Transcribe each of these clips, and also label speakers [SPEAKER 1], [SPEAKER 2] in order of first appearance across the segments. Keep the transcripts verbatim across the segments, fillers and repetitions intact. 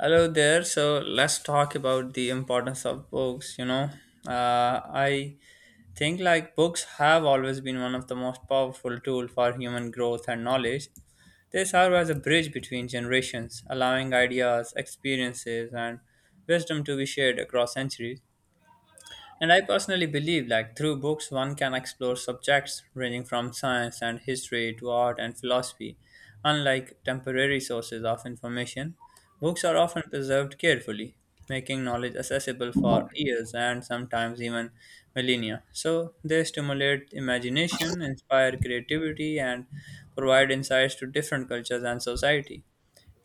[SPEAKER 1] Hello there. So let's talk about the importance of books. You know, uh, I think like books have always been one of the most powerful tool for human growth and knowledge. They serve as a bridge between generations, allowing ideas, experiences, and wisdom to be shared across centuries. And I personally believe, like, through books, one can explore subjects ranging from science and history to art and philosophy. Unlike temporary sources of information, books are often preserved carefully, making knowledge accessible for years and sometimes even millennia. So they stimulate imagination, inspire creativity, and provide insights to different cultures and society.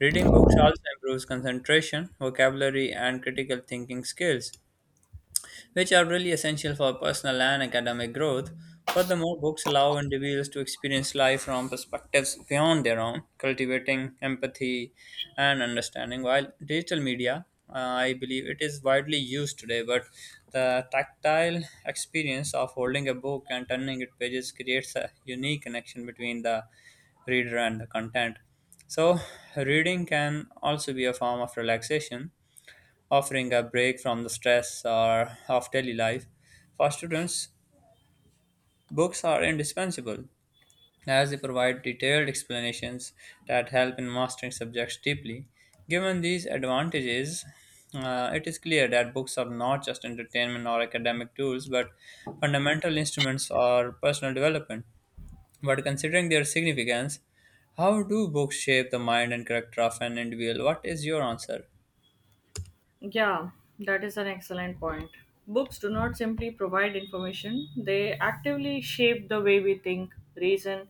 [SPEAKER 1] Reading books also improves concentration, vocabulary, and critical thinking skills, which are really essential for personal and academic growth. Furthermore, books allow individuals to experience life from perspectives beyond their own, cultivating empathy and understanding. While digital media, uh, I believe it is widely used today, but the tactile experience of holding a book and turning its pages creates a unique connection between the reader and the content. So reading can also be a form of relaxation, offering a break from the stress or of daily life. For students, books are indispensable as they provide detailed explanations that help in mastering subjects deeply. Given these advantages, uh, it is clear that books are not just entertainment or academic tools but fundamental instruments or personal development. But considering their significance, how do books shape the mind and character of an individual? What is your answer?
[SPEAKER 2] Yeah, that is an excellent point. Books do not simply provide information, they actively shape the way we think, reason,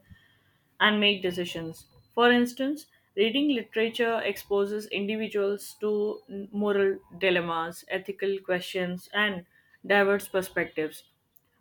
[SPEAKER 2] and make decisions. For instance, reading literature exposes individuals to moral dilemmas, ethical questions, and diverse perspectives,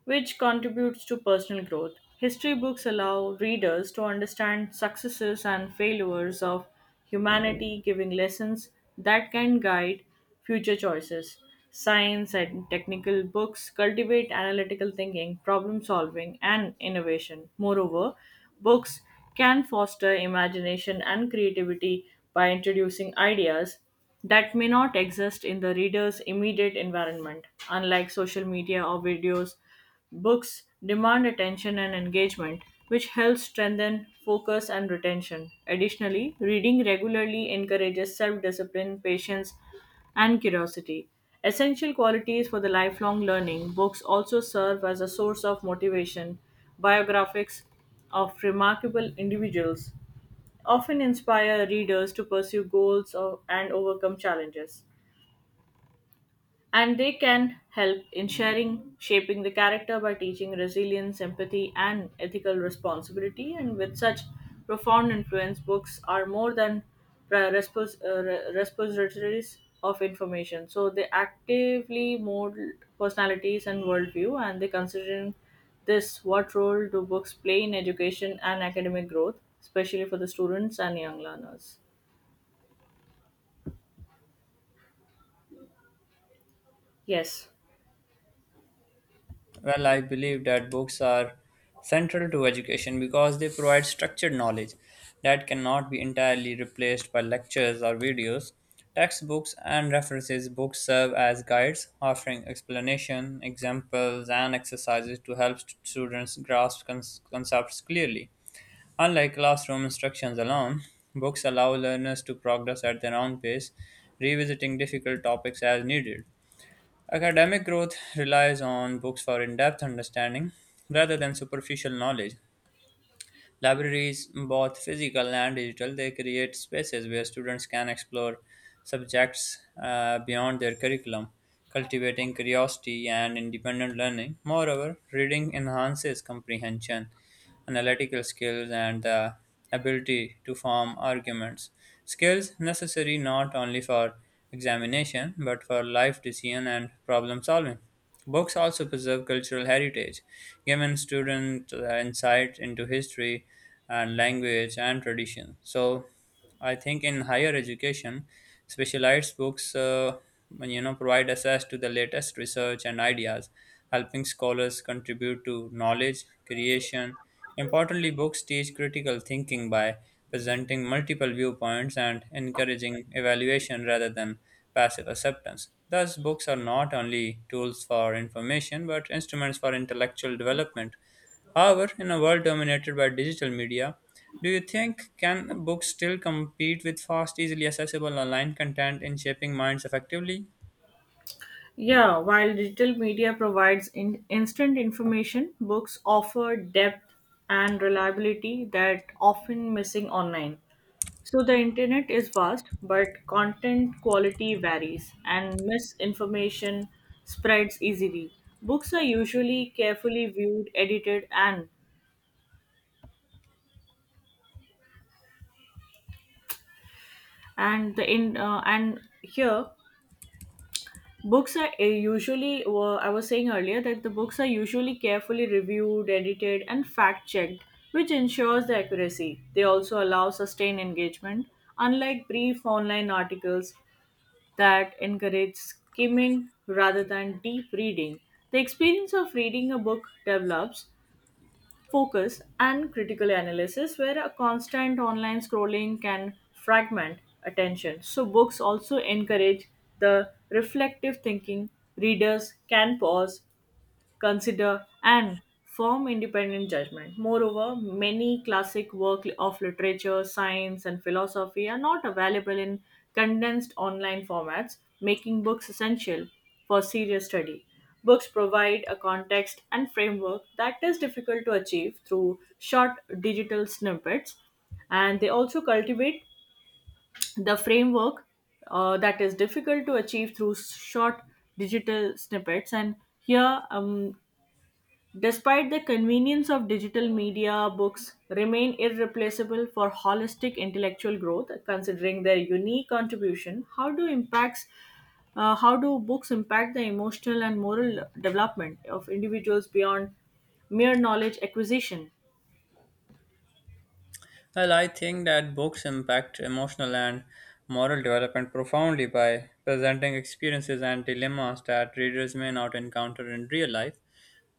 [SPEAKER 2] which contributes to personal growth. History books allow readers to understand successes and failures of humanity giving lessons that can guide future choices. Science and technical books cultivate analytical thinking, problem solving, and innovation. Moreover, books can foster imagination and creativity by introducing ideas that may not exist in the reader's immediate environment, unlike social media or videos. Books demand attention and engagement, which helps strengthen focus and retention. Additionally, reading regularly encourages self discipline, patience, and curiosity. Essential qualities for the lifelong learning, books also serve as a source of motivation. Biographies of remarkable individuals often inspire readers to pursue goals or, and overcome challenges and they can help in sharing shaping the character by teaching resilience empathy and ethical responsibility and with such profound influence books are more than re- respos- uh, re- repositories of information so they actively mold personalities and worldview and they considering this, what role do books play in education and academic growth especially for the students and young learners? Yes.
[SPEAKER 1] Well, I believe that books are central to education because they provide structured knowledge that cannot be entirely replaced by lectures or videos. Textbooks and references books serve as guides, offering explanation, examples, and exercises to help st- students grasp con- concepts clearly. Unlike classroom instructions alone, books allow learners to progress at their own pace, revisiting difficult topics as needed. Academic growth relies on books for in depth understanding rather than superficial knowledge. Libraries, both physical and digital, they create spaces where students can explore subjects uh, beyond their curriculum, cultivating curiosity and independent learning. Moreover, reading enhances comprehension, analytical skills, and the ability to form arguments. Skills necessary not only for examination, but for life decision and problem solving. Books also preserve cultural heritage, giving students insight into history and language and tradition. So I think in higher education, specialized books, uh, you know, provide access to the latest research and ideas, helping scholars contribute to knowledge creation. Importantly, books teach critical thinking by presenting multiple viewpoints and encouraging evaluation rather than passive acceptance. Thus, books are not only tools for information but instruments for intellectual development. However, in a world dominated by digital media, do you think can books still compete with fast, easily accessible online content in shaping minds effectively?
[SPEAKER 2] Yeah, while digital media provides in- instant information, books offer depth and reliability that often missing online. So the internet is vast, but content quality varies and misinformation spreads easily. Books are usually carefully viewed, edited and and the in uh, and here books are uh, usually, well, I was saying earlier that the books are usually carefully reviewed, edited, and fact checked, which ensures the accuracy. They also allow sustained engagement, unlike brief online articles that encourage skimming rather than deep reading. The experience of reading a book develops focus, and critical analysis, where a constant online scrolling can fragment attention. So, books also encourage the reflective thinking. Readers can pause, consider, and form independent judgment. Moreover, many classic works of literature, science, and philosophy are not available in condensed online formats, making books essential for serious study. Books provide a context and framework that is difficult to achieve through short digital snippets, and they also cultivate the framework uh, that is difficult to achieve through short digital snippets. And here, um, despite the convenience of digital media, books remain irreplaceable for holistic intellectual growth, considering their unique contribution. How do impacts uh, how do books impact the emotional and moral development of individuals beyond mere knowledge acquisition?
[SPEAKER 1] Well, I think that books impact emotional and moral development profoundly by presenting experiences and dilemmas that readers may not encounter in real life.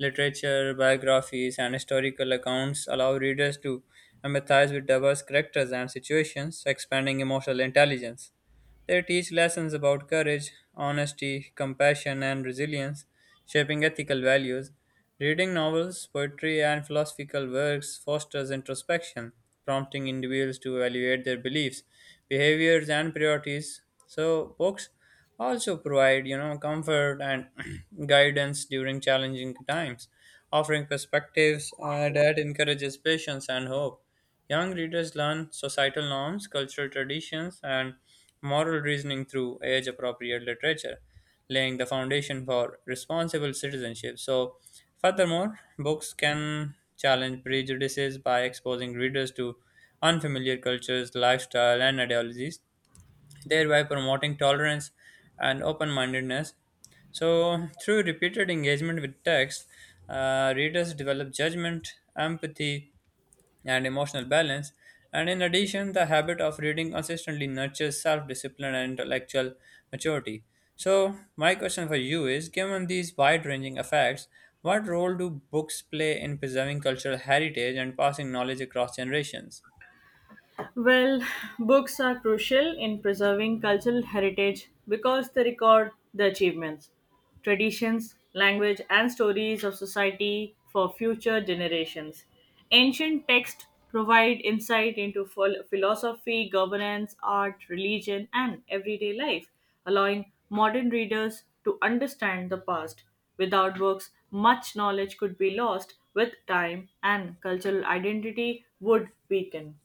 [SPEAKER 1] Literature, biographies, and historical accounts allow readers to empathize with diverse characters and situations, expanding emotional intelligence. They teach lessons about courage, honesty, compassion, and resilience, shaping ethical values. Reading novels, poetry, and philosophical works fosters introspection, prompting individuals to evaluate their beliefs, behaviors, and priorities. So books also provide, you know, comfort and guidance during challenging times, offering perspectives uh, that encourages patience and hope. Young readers learn societal norms, cultural traditions, and moral reasoning through age appropriate literature, laying the foundation for responsible citizenship. So furthermore, books can challenge prejudices by exposing readers to unfamiliar cultures, lifestyle, and ideologies, thereby promoting tolerance and open mindedness. So, through repeated engagement with text, uh, readers develop judgment, empathy, and emotional balance. And in addition, the habit of reading consistently nurtures self discipline and intellectual maturity. So, my question for you is given these wide ranging effects, what role do books play in preserving cultural heritage and passing knowledge across generations?
[SPEAKER 2] Well, books are crucial in preserving cultural heritage because they record the achievements, traditions, language, and stories of society for future generations. Ancient texts provide insight into phil- philosophy, governance, art, religion, and everyday life, allowing modern readers to understand the past. Without books, much knowledge could be lost with time, and cultural identity would weaken.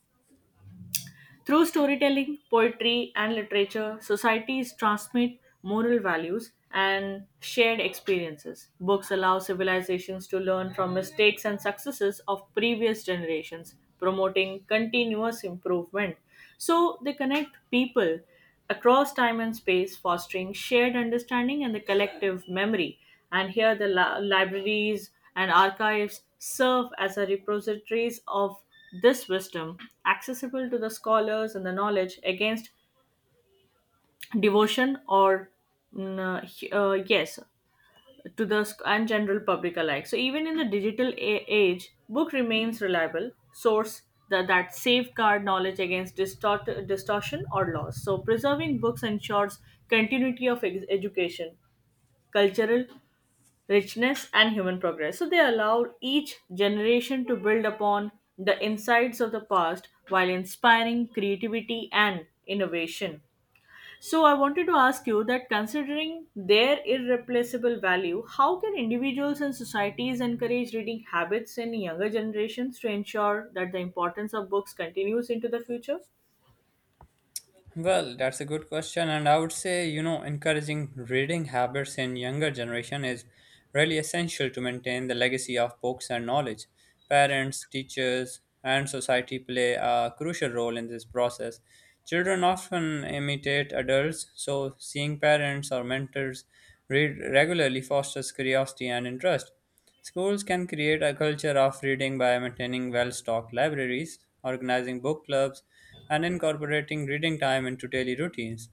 [SPEAKER 2] Through storytelling, poetry, and literature, societies transmit moral values and shared experiences. Books allow civilizations to learn from mistakes and successes of previous generations, promoting continuous improvement. So they connect people across time and space, fostering shared understanding and the collective memory. And here, the la- libraries and archives serve as a repositories of this wisdom, accessible to the scholars and the knowledge against devotion or mm, uh, yes, to the sc- and general public alike. So even in the digital a- age, book remains reliable source that, that safeguard knowledge against distort- distortion or loss. So preserving books ensures continuity of ex- education, cultural richness, and human progress. So they allow each generation to build upon the insights of the past while inspiring creativity and innovation. So I wanted to ask you that considering their irreplaceable value, how can individuals and societies encourage reading habits in younger generations to ensure that the importance of books continues into the future?
[SPEAKER 1] Well, that's a good question, and I would say, you know, encouraging reading habits in younger generation is really essential to maintain the legacy of books and knowledge. Parents, teachers, and society play a crucial role in this process. Children often imitate adults, so seeing parents or mentors read regularly fosters curiosity and interest. Schools can create a culture of reading by maintaining well stocked libraries, organizing book clubs, and incorporating reading time into daily routines.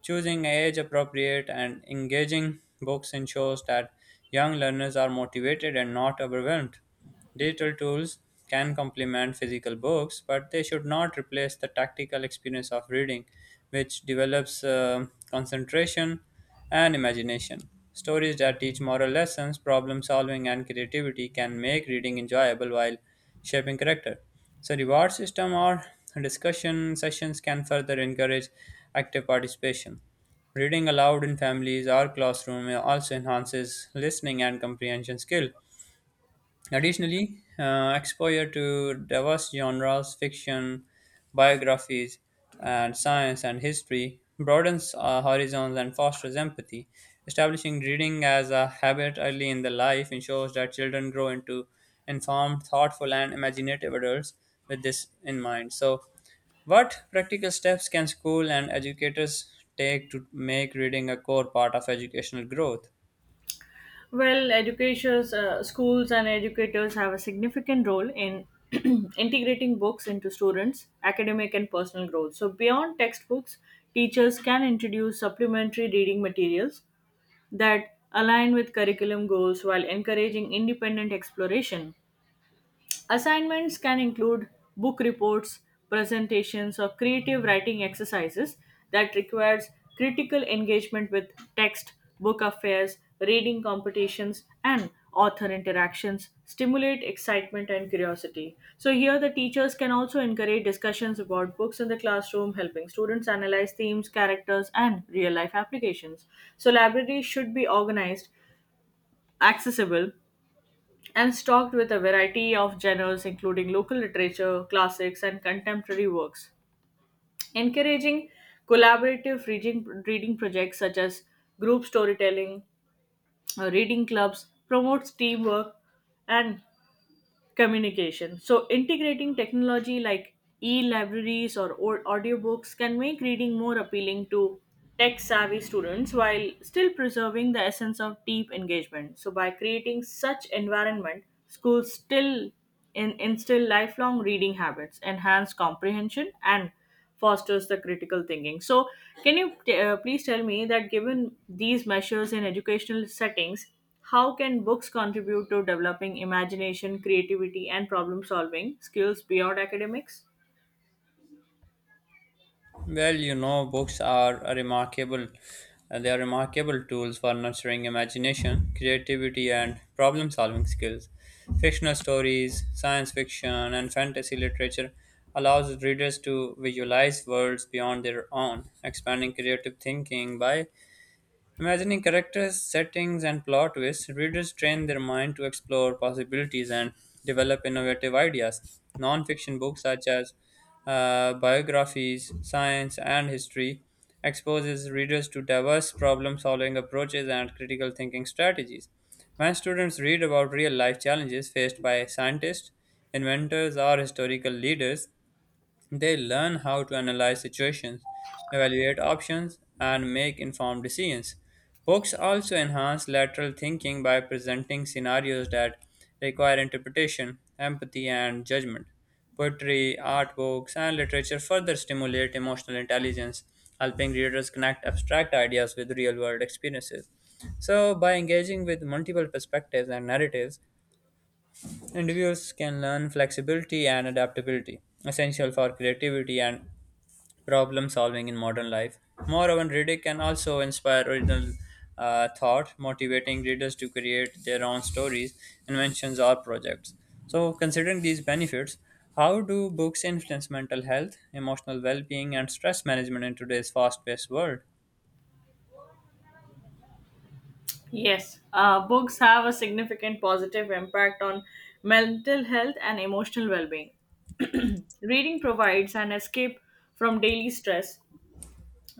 [SPEAKER 1] Choosing age appropriate and engaging books ensures that young learners are motivated and not overwhelmed. Digital tools can complement physical books, but they should not replace the tactical experience of reading, which develops uh, concentration and imagination. Stories that teach moral lessons, problem solving, and creativity can make reading enjoyable while shaping character. So reward system or discussion sessions can further encourage active participation. Reading aloud in families or classroom also enhances listening and comprehension skill. Additionally, uh, exposure to diverse genres, fiction, biographies, and science and history broadens our horizons and fosters empathy. Establishing reading as a habit early in the life ensures that children grow into informed, thoughtful, and imaginative adults, with this in mind. So what practical steps can school and educators take to make reading a core part of educational growth?
[SPEAKER 2] Well, educators, uh, schools, and educators have a significant role in integrating books into students' academic and personal growth. So, beyond textbooks, teachers can introduce supplementary reading materials that align with curriculum goals while encouraging independent exploration. Assignments can include book reports, presentations, or creative writing exercises that requires critical engagement with text, book affairs, reading competitions, and author interactions stimulate excitement and curiosity. So here the teachers can also encourage discussions about books in the classroom, helping students analyze themes, characters, and real-life applications. So libraries should be organized, accessible, and stocked with a variety of genres including local literature, classics, and contemporary works. Encouraging collaborative reading, reading projects such as group storytelling, uh, reading clubs promotes teamwork and communication. So, integrating technology like e libraries or au- audiobooks can make reading more appealing to tech savvy students while still preserving the essence of deep engagement. So, by creating such environment, schools still in- instill lifelong reading habits, enhance comprehension, and fosters the critical thinking. So, can you t- uh, please tell me that given these measures in educational settings, how can books contribute to developing imagination, creativity, and problem solving skills beyond academics?
[SPEAKER 1] Well, you know, books are a remarkable. uh, they are remarkable tools for nurturing imagination, creativity, and problem-solving skills. Fictional stories, science fiction, and fantasy literature allows readers to visualize worlds beyond their own, expanding creative thinking by imagining characters, settings, and plot twists. Readers train their mind to explore possibilities and develop innovative ideas. Non fiction books such as uh, biographies, science, and history exposes readers to diverse problem solving approaches and critical thinking strategies. When students read about real life challenges faced by scientists, inventors, or historical leaders, they learn how to analyze situations, evaluate options, and make informed decisions. Books also enhance lateral thinking by presenting scenarios that require interpretation, empathy, and judgment. Poetry, art books, and literature further stimulate emotional intelligence, helping readers connect abstract ideas with real world experiences. So, by engaging with multiple perspectives and narratives, individuals can learn flexibility and adaptability, essential for creativity and problem solving in modern life. Moreover, reading can also inspire original uh, thought, motivating readers to create their own stories, inventions, or projects. So, considering these benefits, how do books influence mental health, emotional well being, and stress management in today's fast paced world?
[SPEAKER 2] Yes, uh, books have a significant positive impact on mental health and emotional well being. Reading provides an escape from daily stress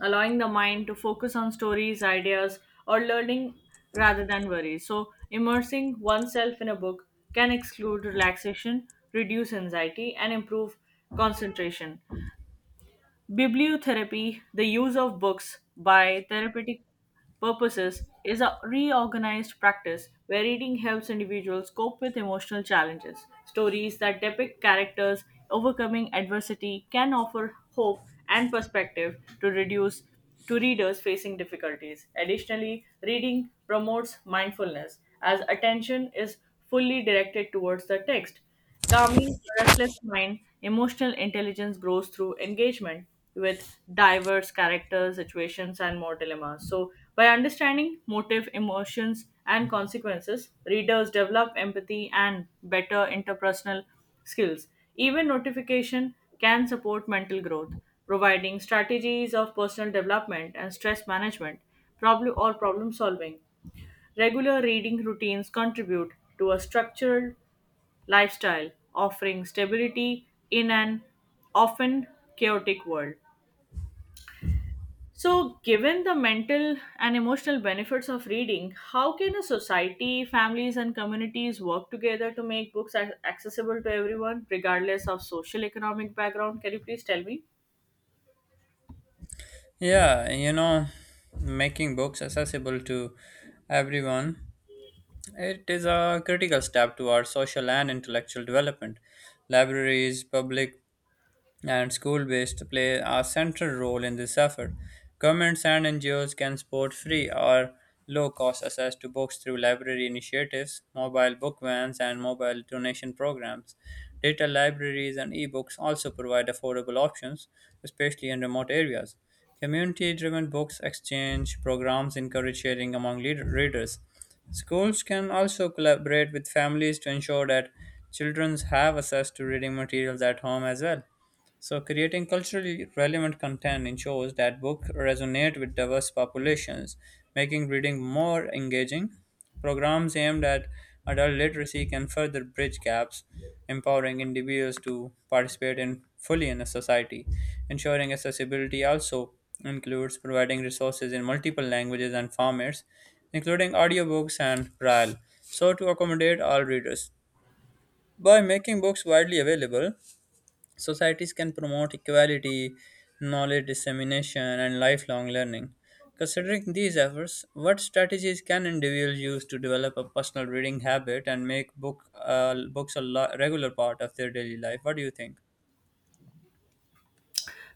[SPEAKER 2] allowing the mind to focus on stories, ideas, or learning rather than worries. So, immersing oneself in a book can exclude relaxation, reduce anxiety, and improve concentration. Bibliotherapy, the use of books by therapeutic purposes, is a reorganized practice where reading helps individuals cope with emotional challenges. Stories that depict characters overcoming adversity can offer hope and perspective to reduce to readers facing difficulties. Additionally, reading promotes mindfulness as attention is fully directed towards the text, calming a restless mind. Emotional intelligence grows through engagement with diverse characters, situations, and more dilemmas. So, by understanding motive, emotions, and consequences, readers develop empathy and better interpersonal skills. Even notification can support mental growth, providing strategies of personal development and stress management, problem or problem solving. Regular reading routines contribute to a structured lifestyle, offering stability in an often chaotic world. So, given the mental and emotional benefits of reading, how can a society, families, and communities work together to make books ac- accessible to everyone, regardless of social economic background? Can you please tell me?
[SPEAKER 1] Yeah, you know, making books accessible to everyone. It is a critical step towards social and intellectual development. Libraries, public and school based, play a central role in this effort. Governments and N G Os can support free or low cost access to books through library initiatives, mobile book vans, and mobile donation programs. Digital libraries and ebooks also provide affordable options, especially in remote areas. Community driven books exchange programs encourage sharing among leader- readers. Schools can also collaborate with families to ensure that children have access to reading materials at home as well. So creating culturally relevant content ensures that books resonate with diverse populations, making reading more engaging. Programs aimed at adult literacy can further bridge gaps, empowering individuals to participate in fully in a society. Ensuring accessibility also includes providing resources in multiple languages and formats, including audiobooks and braille, so to accommodate all readers. By making books widely available, societies can promote equality, knowledge dissemination, and lifelong learning. Considering these efforts, what strategies can individuals use to develop a personal reading habit and make book uh, books a lo- regular part of their daily life? What do you think?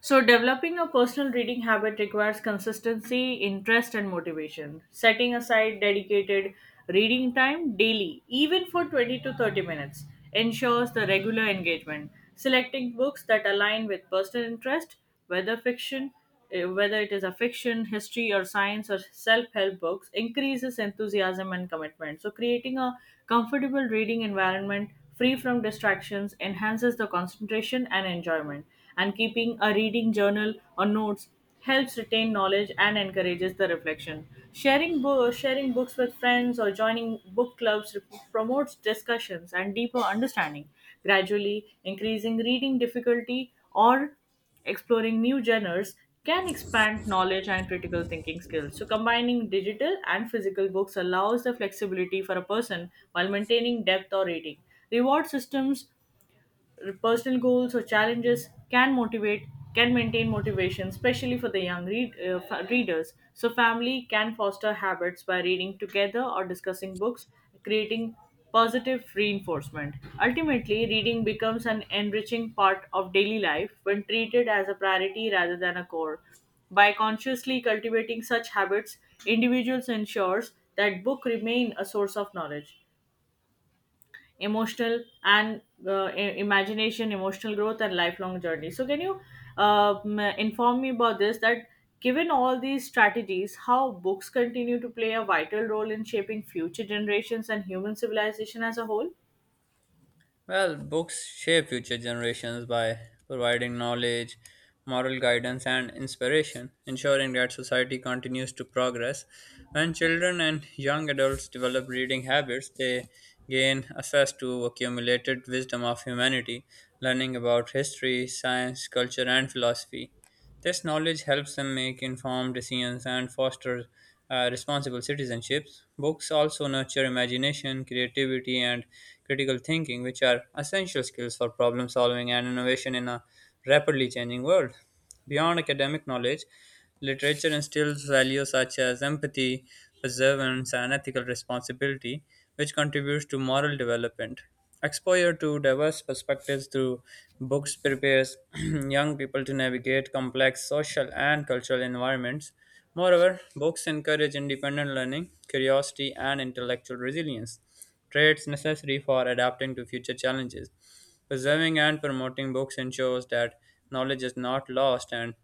[SPEAKER 2] So, developing a personal reading habit requires consistency, interest, and motivation. Setting aside dedicated reading time daily, even for twenty to thirty minutes, ensures the regular engagement. Selecting books that align with personal interest, whether fiction, eh, whether it is a fiction, history, or science or self help books, increases enthusiasm and commitment. So, creating a comfortable reading environment free from distractions enhances the concentration and enjoyment. And keeping a reading journal or notes helps retain knowledge and encourages the reflection. Sharing, bo- sharing books with friends or joining book clubs rep- promotes discussions and deeper understanding, gradually increasing reading difficulty or exploring new genres can expand knowledge and critical thinking skills. So, combining digital and physical books allows the flexibility for a person while maintaining depth or reading. Reward systems, personal goals or challenges can motivate, can maintain motivation especially for the young read, uh, fa- readers, so family can foster habits by reading together or discussing books, creating positive reinforcement. Ultimately reading becomes an enriching part of daily life when treated as a priority rather than a core. By consciously cultivating such habits individuals ensures that book remain a source of knowledge, emotional and uh, i- imagination, emotional growth and lifelong journey. So can you uh, m- inform me about this, that given all these strategies how books continue to play a vital role in shaping future generations and human civilization as a whole.
[SPEAKER 1] Well, books shape future generations by providing knowledge, moral guidance, and inspiration, ensuring that society continues to progress. When children and young adults develop reading habits, they gain access to accumulated wisdom of humanity, learning about history, science, culture, and philosophy. This knowledge helps them make informed decisions and foster uh, responsible citizenships. Books also nurture imagination, creativity, and critical thinking, which are essential skills for problem solving and innovation in a rapidly changing world. Beyond academic knowledge, literature instills values such as empathy, perseverance, and ethical responsibility, which contributes to moral development. Exposure to diverse perspectives through books prepares young people to navigate complex social and cultural environments. Moreover, books encourage independent learning, curiosity, and intellectual resilience, traits necessary for adapting to future challenges. Preserving and promoting books ensures that knowledge is not lost and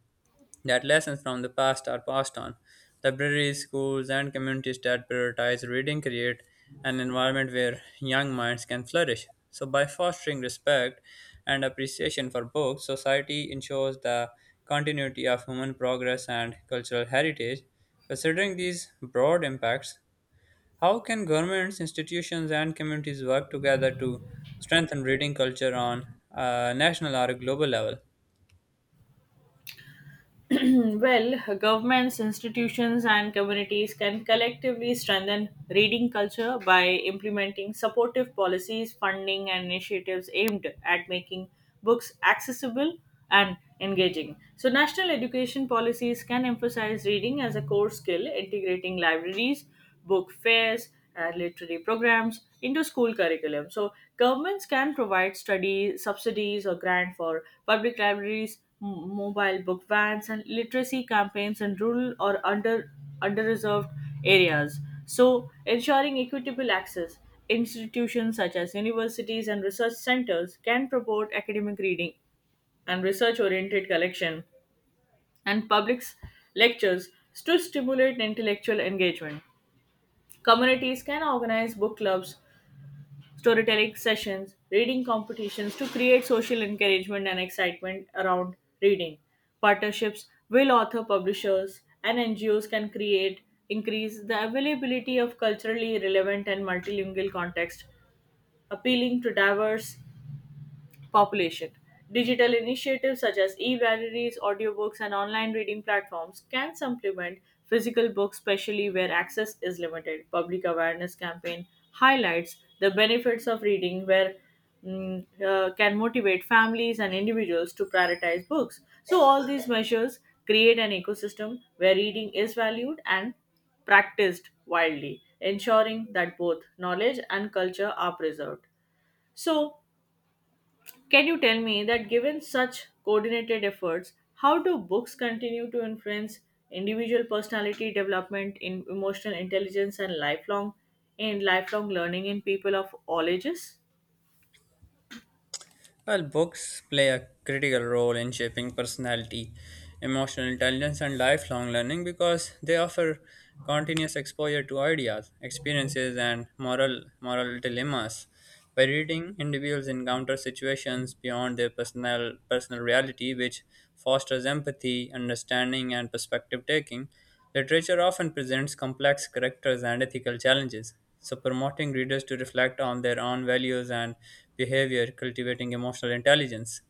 [SPEAKER 1] that lessons from the past are passed on. Libraries, schools, and communities that prioritize reading create an environment where young minds can flourish. So, by fostering respect and appreciation for books, society ensures the continuity of human progress and cultural heritage. Considering these broad impacts, how can governments, institutions, and communities work together to strengthen reading culture on a national or a global level?
[SPEAKER 2] Well, governments, institutions, and communities can collectively strengthen reading culture by implementing supportive policies, funding, and initiatives aimed at making books accessible and engaging. So, national education policies can emphasize reading as a core skill, integrating libraries, book fairs, and literary programs into school curriculum. So governments can provide study subsidies or grant for public libraries, m- mobile book vans, and literacy campaigns in rural or under underreserved areas, so ensuring equitable access. Institutions such as universities and research centers can promote academic reading and research oriented collection and public lectures to stimulate intellectual engagement. Communities can organize book clubs, storytelling sessions, reading competitions to create social encouragement and excitement around reading. Partnerships will author publishers and N G Os can create increase the availability of culturally relevant and multilingual context, appealing to diverse population. Digital initiatives such as e libraries, audiobooks, and online reading platforms can supplement physical books, especially where access is limited. Public awareness campaign highlights the benefits of reading, where mm, uh, can motivate families and individuals to prioritize books. So, all these measures create an ecosystem where reading is valued and practiced widely, ensuring that both knowledge and culture are preserved. So, can you tell me that given such coordinated efforts, how do books continue to influence individual personality development in emotional intelligence and lifelong in lifelong learning in people of all ages?
[SPEAKER 1] Well, books play a critical role in shaping personality, emotional intelligence, and lifelong learning because they offer continuous exposure to ideas, experiences, and moral moral dilemmas. By reading, individuals encounter situations beyond their personal personal reality, which fosters empathy, understanding, and perspective taking. Literature often presents complex characters and ethical challenges, so promoting readers to reflect on their own values and behavior, cultivating emotional intelligence.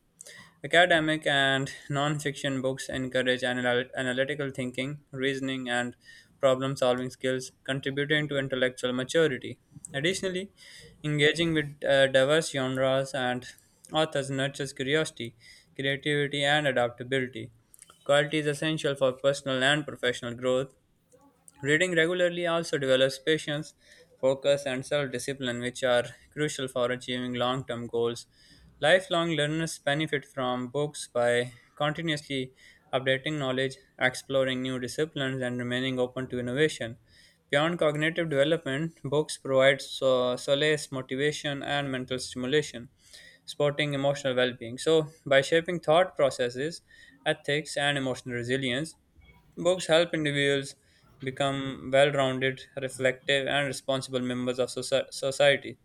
[SPEAKER 1] Academic and non-fiction books encourage anal- analytical thinking, reasoning, and problem-solving skills, contributing to intellectual maturity. Additionally, engaging with uh, diverse genres and authors nurtures curiosity, creativity, and adaptability. Qualities essential for personal and professional growth. Reading regularly also develops patience, focus, and self discipline, which are crucial for achieving long term goals. Lifelong learners benefit from books by continuously updating knowledge, exploring new disciplines, and remaining open to innovation. Beyond cognitive development, books provide so- solace, motivation, and mental stimulation, supporting emotional well being. So, by shaping thought processes, ethics, and emotional resilience, books help individuals become well rounded, reflective, and responsible members of soci- society.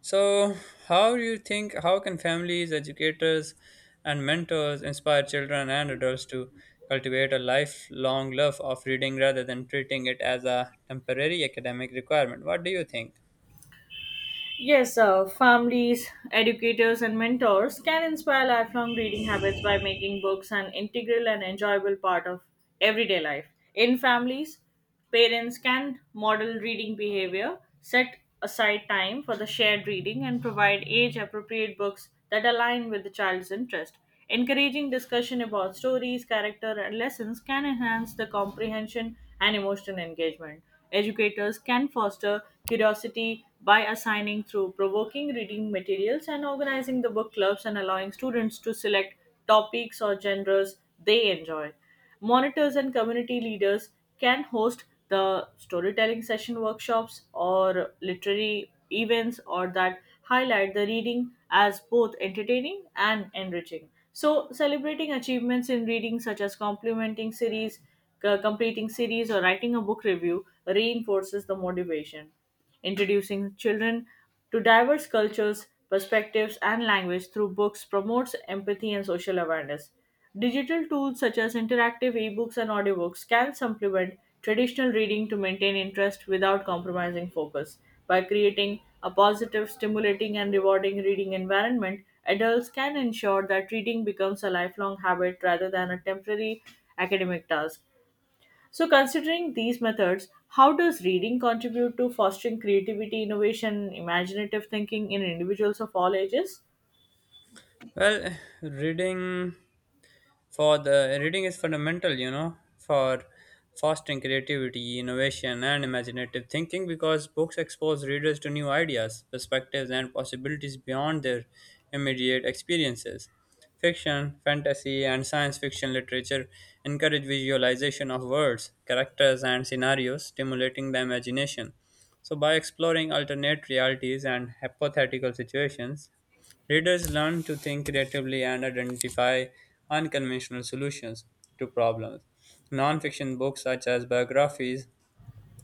[SPEAKER 1] So, how do you think, how can families, educators, and mentors inspire children and adults to cultivate a lifelong love of reading rather than treating it as a temporary academic requirement? What do you think?
[SPEAKER 2] Yes, uh, families, educators, and mentors can inspire lifelong reading habits by making books an integral and enjoyable part of everyday life. In families, parents can model reading behavior, set aside time for the shared reading, and provide age appropriate books that align with the child's interest. Encouraging discussion about stories, character, and lessons can enhance the comprehension and emotional engagement. Educators can foster curiosity by assigning through provoking reading materials and organizing the book clubs and allowing students to select topics or genres they enjoy. Monitors and community leaders can host the storytelling session workshops or literary events or that highlight the reading as both entertaining and enriching. So, celebrating achievements in reading, such as complimenting series, C- completing series or writing a book review reinforces the motivation. Introducing children to diverse cultures, perspectives, and language through books promotes empathy and social awareness. Digital tools such as interactive ebooks and audiobooks can supplement traditional reading to maintain interest without compromising focus. By creating a positive, stimulating, and rewarding reading environment, adults can ensure that reading becomes a lifelong habit rather than a temporary academic task. So, considering these methods, how does reading contribute to fostering creativity, innovation, imaginative thinking in individuals of all ages?
[SPEAKER 1] Well, reading for the reading is fundamental, you know, for fostering creativity, innovation, and imaginative thinking, because books expose readers to new ideas, perspectives, and possibilities beyond their immediate experiences. Fiction, fantasy, and science fiction literature encourage visualization of words, characters, and scenarios, stimulating the imagination. So by exploring alternate realities and hypothetical situations, readers learn to think creatively and identify unconventional solutions to problems. Nonfiction books, such as biographies,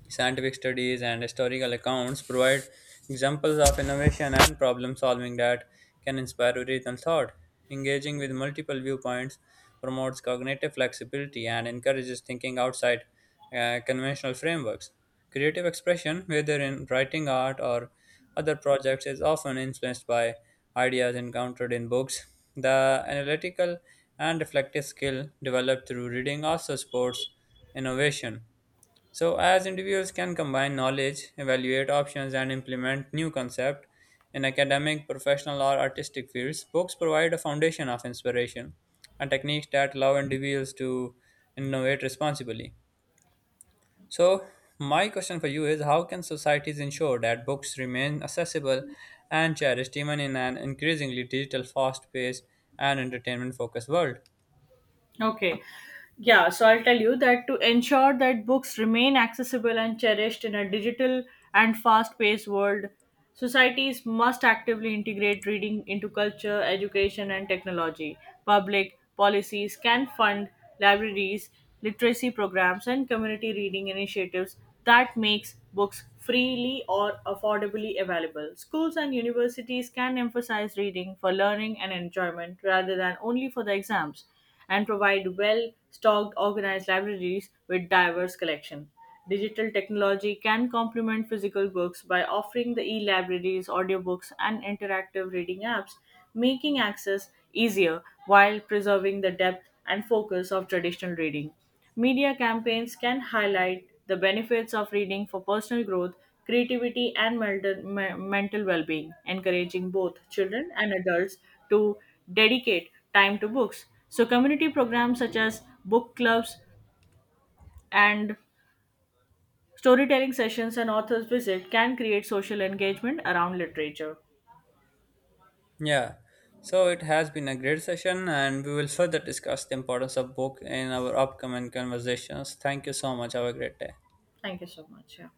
[SPEAKER 1] scientific studies, and historical accounts, provide examples of innovation and problem solving that can inspire original thought. Engaging with multiple viewpoints promotes cognitive flexibility and encourages thinking outside uh, conventional frameworks. Creative expression, whether in writing, art, or other projects, is often influenced by ideas encountered in books. The analytical and reflective skill developed through reading also supports innovation. So, as individuals can combine knowledge, evaluate options, and implement new concepts in academic, professional, or artistic fields, books provide a foundation of inspiration and techniques that allow individuals to innovate responsibly. So my question for you is, how can societies ensure that books remain accessible and cherished even in an increasingly digital, fast paced, and entertainment focused world?
[SPEAKER 2] Okay. Yeah, so I'll tell you that to ensure that books remain accessible and cherished in a digital and fast paced world, societies must actively integrate reading into culture, education, and technology. Public policies can fund libraries, literacy programs, and community reading initiatives that makes books freely or affordably available. Schools and universities can emphasize reading for learning and enjoyment rather than only for the exams and provide well stocked, organized libraries with diverse collection. Digital technology can complement physical books by offering the e libraries, audiobooks, and interactive reading apps, making access easier while preserving the depth and focus of traditional reading. Media campaigns can highlight the benefits of reading for personal growth, creativity, and mental, me- mental well being, encouraging both children and adults to dedicate time to books. So, community programs such as book clubs and storytelling sessions and authors' visit can create social engagement around literature.
[SPEAKER 1] Yeah, so it has been a great session, and we will further discuss the importance of book in our upcoming conversations. Thank you so much. Have a great day.
[SPEAKER 2] Thank you so much. Yeah.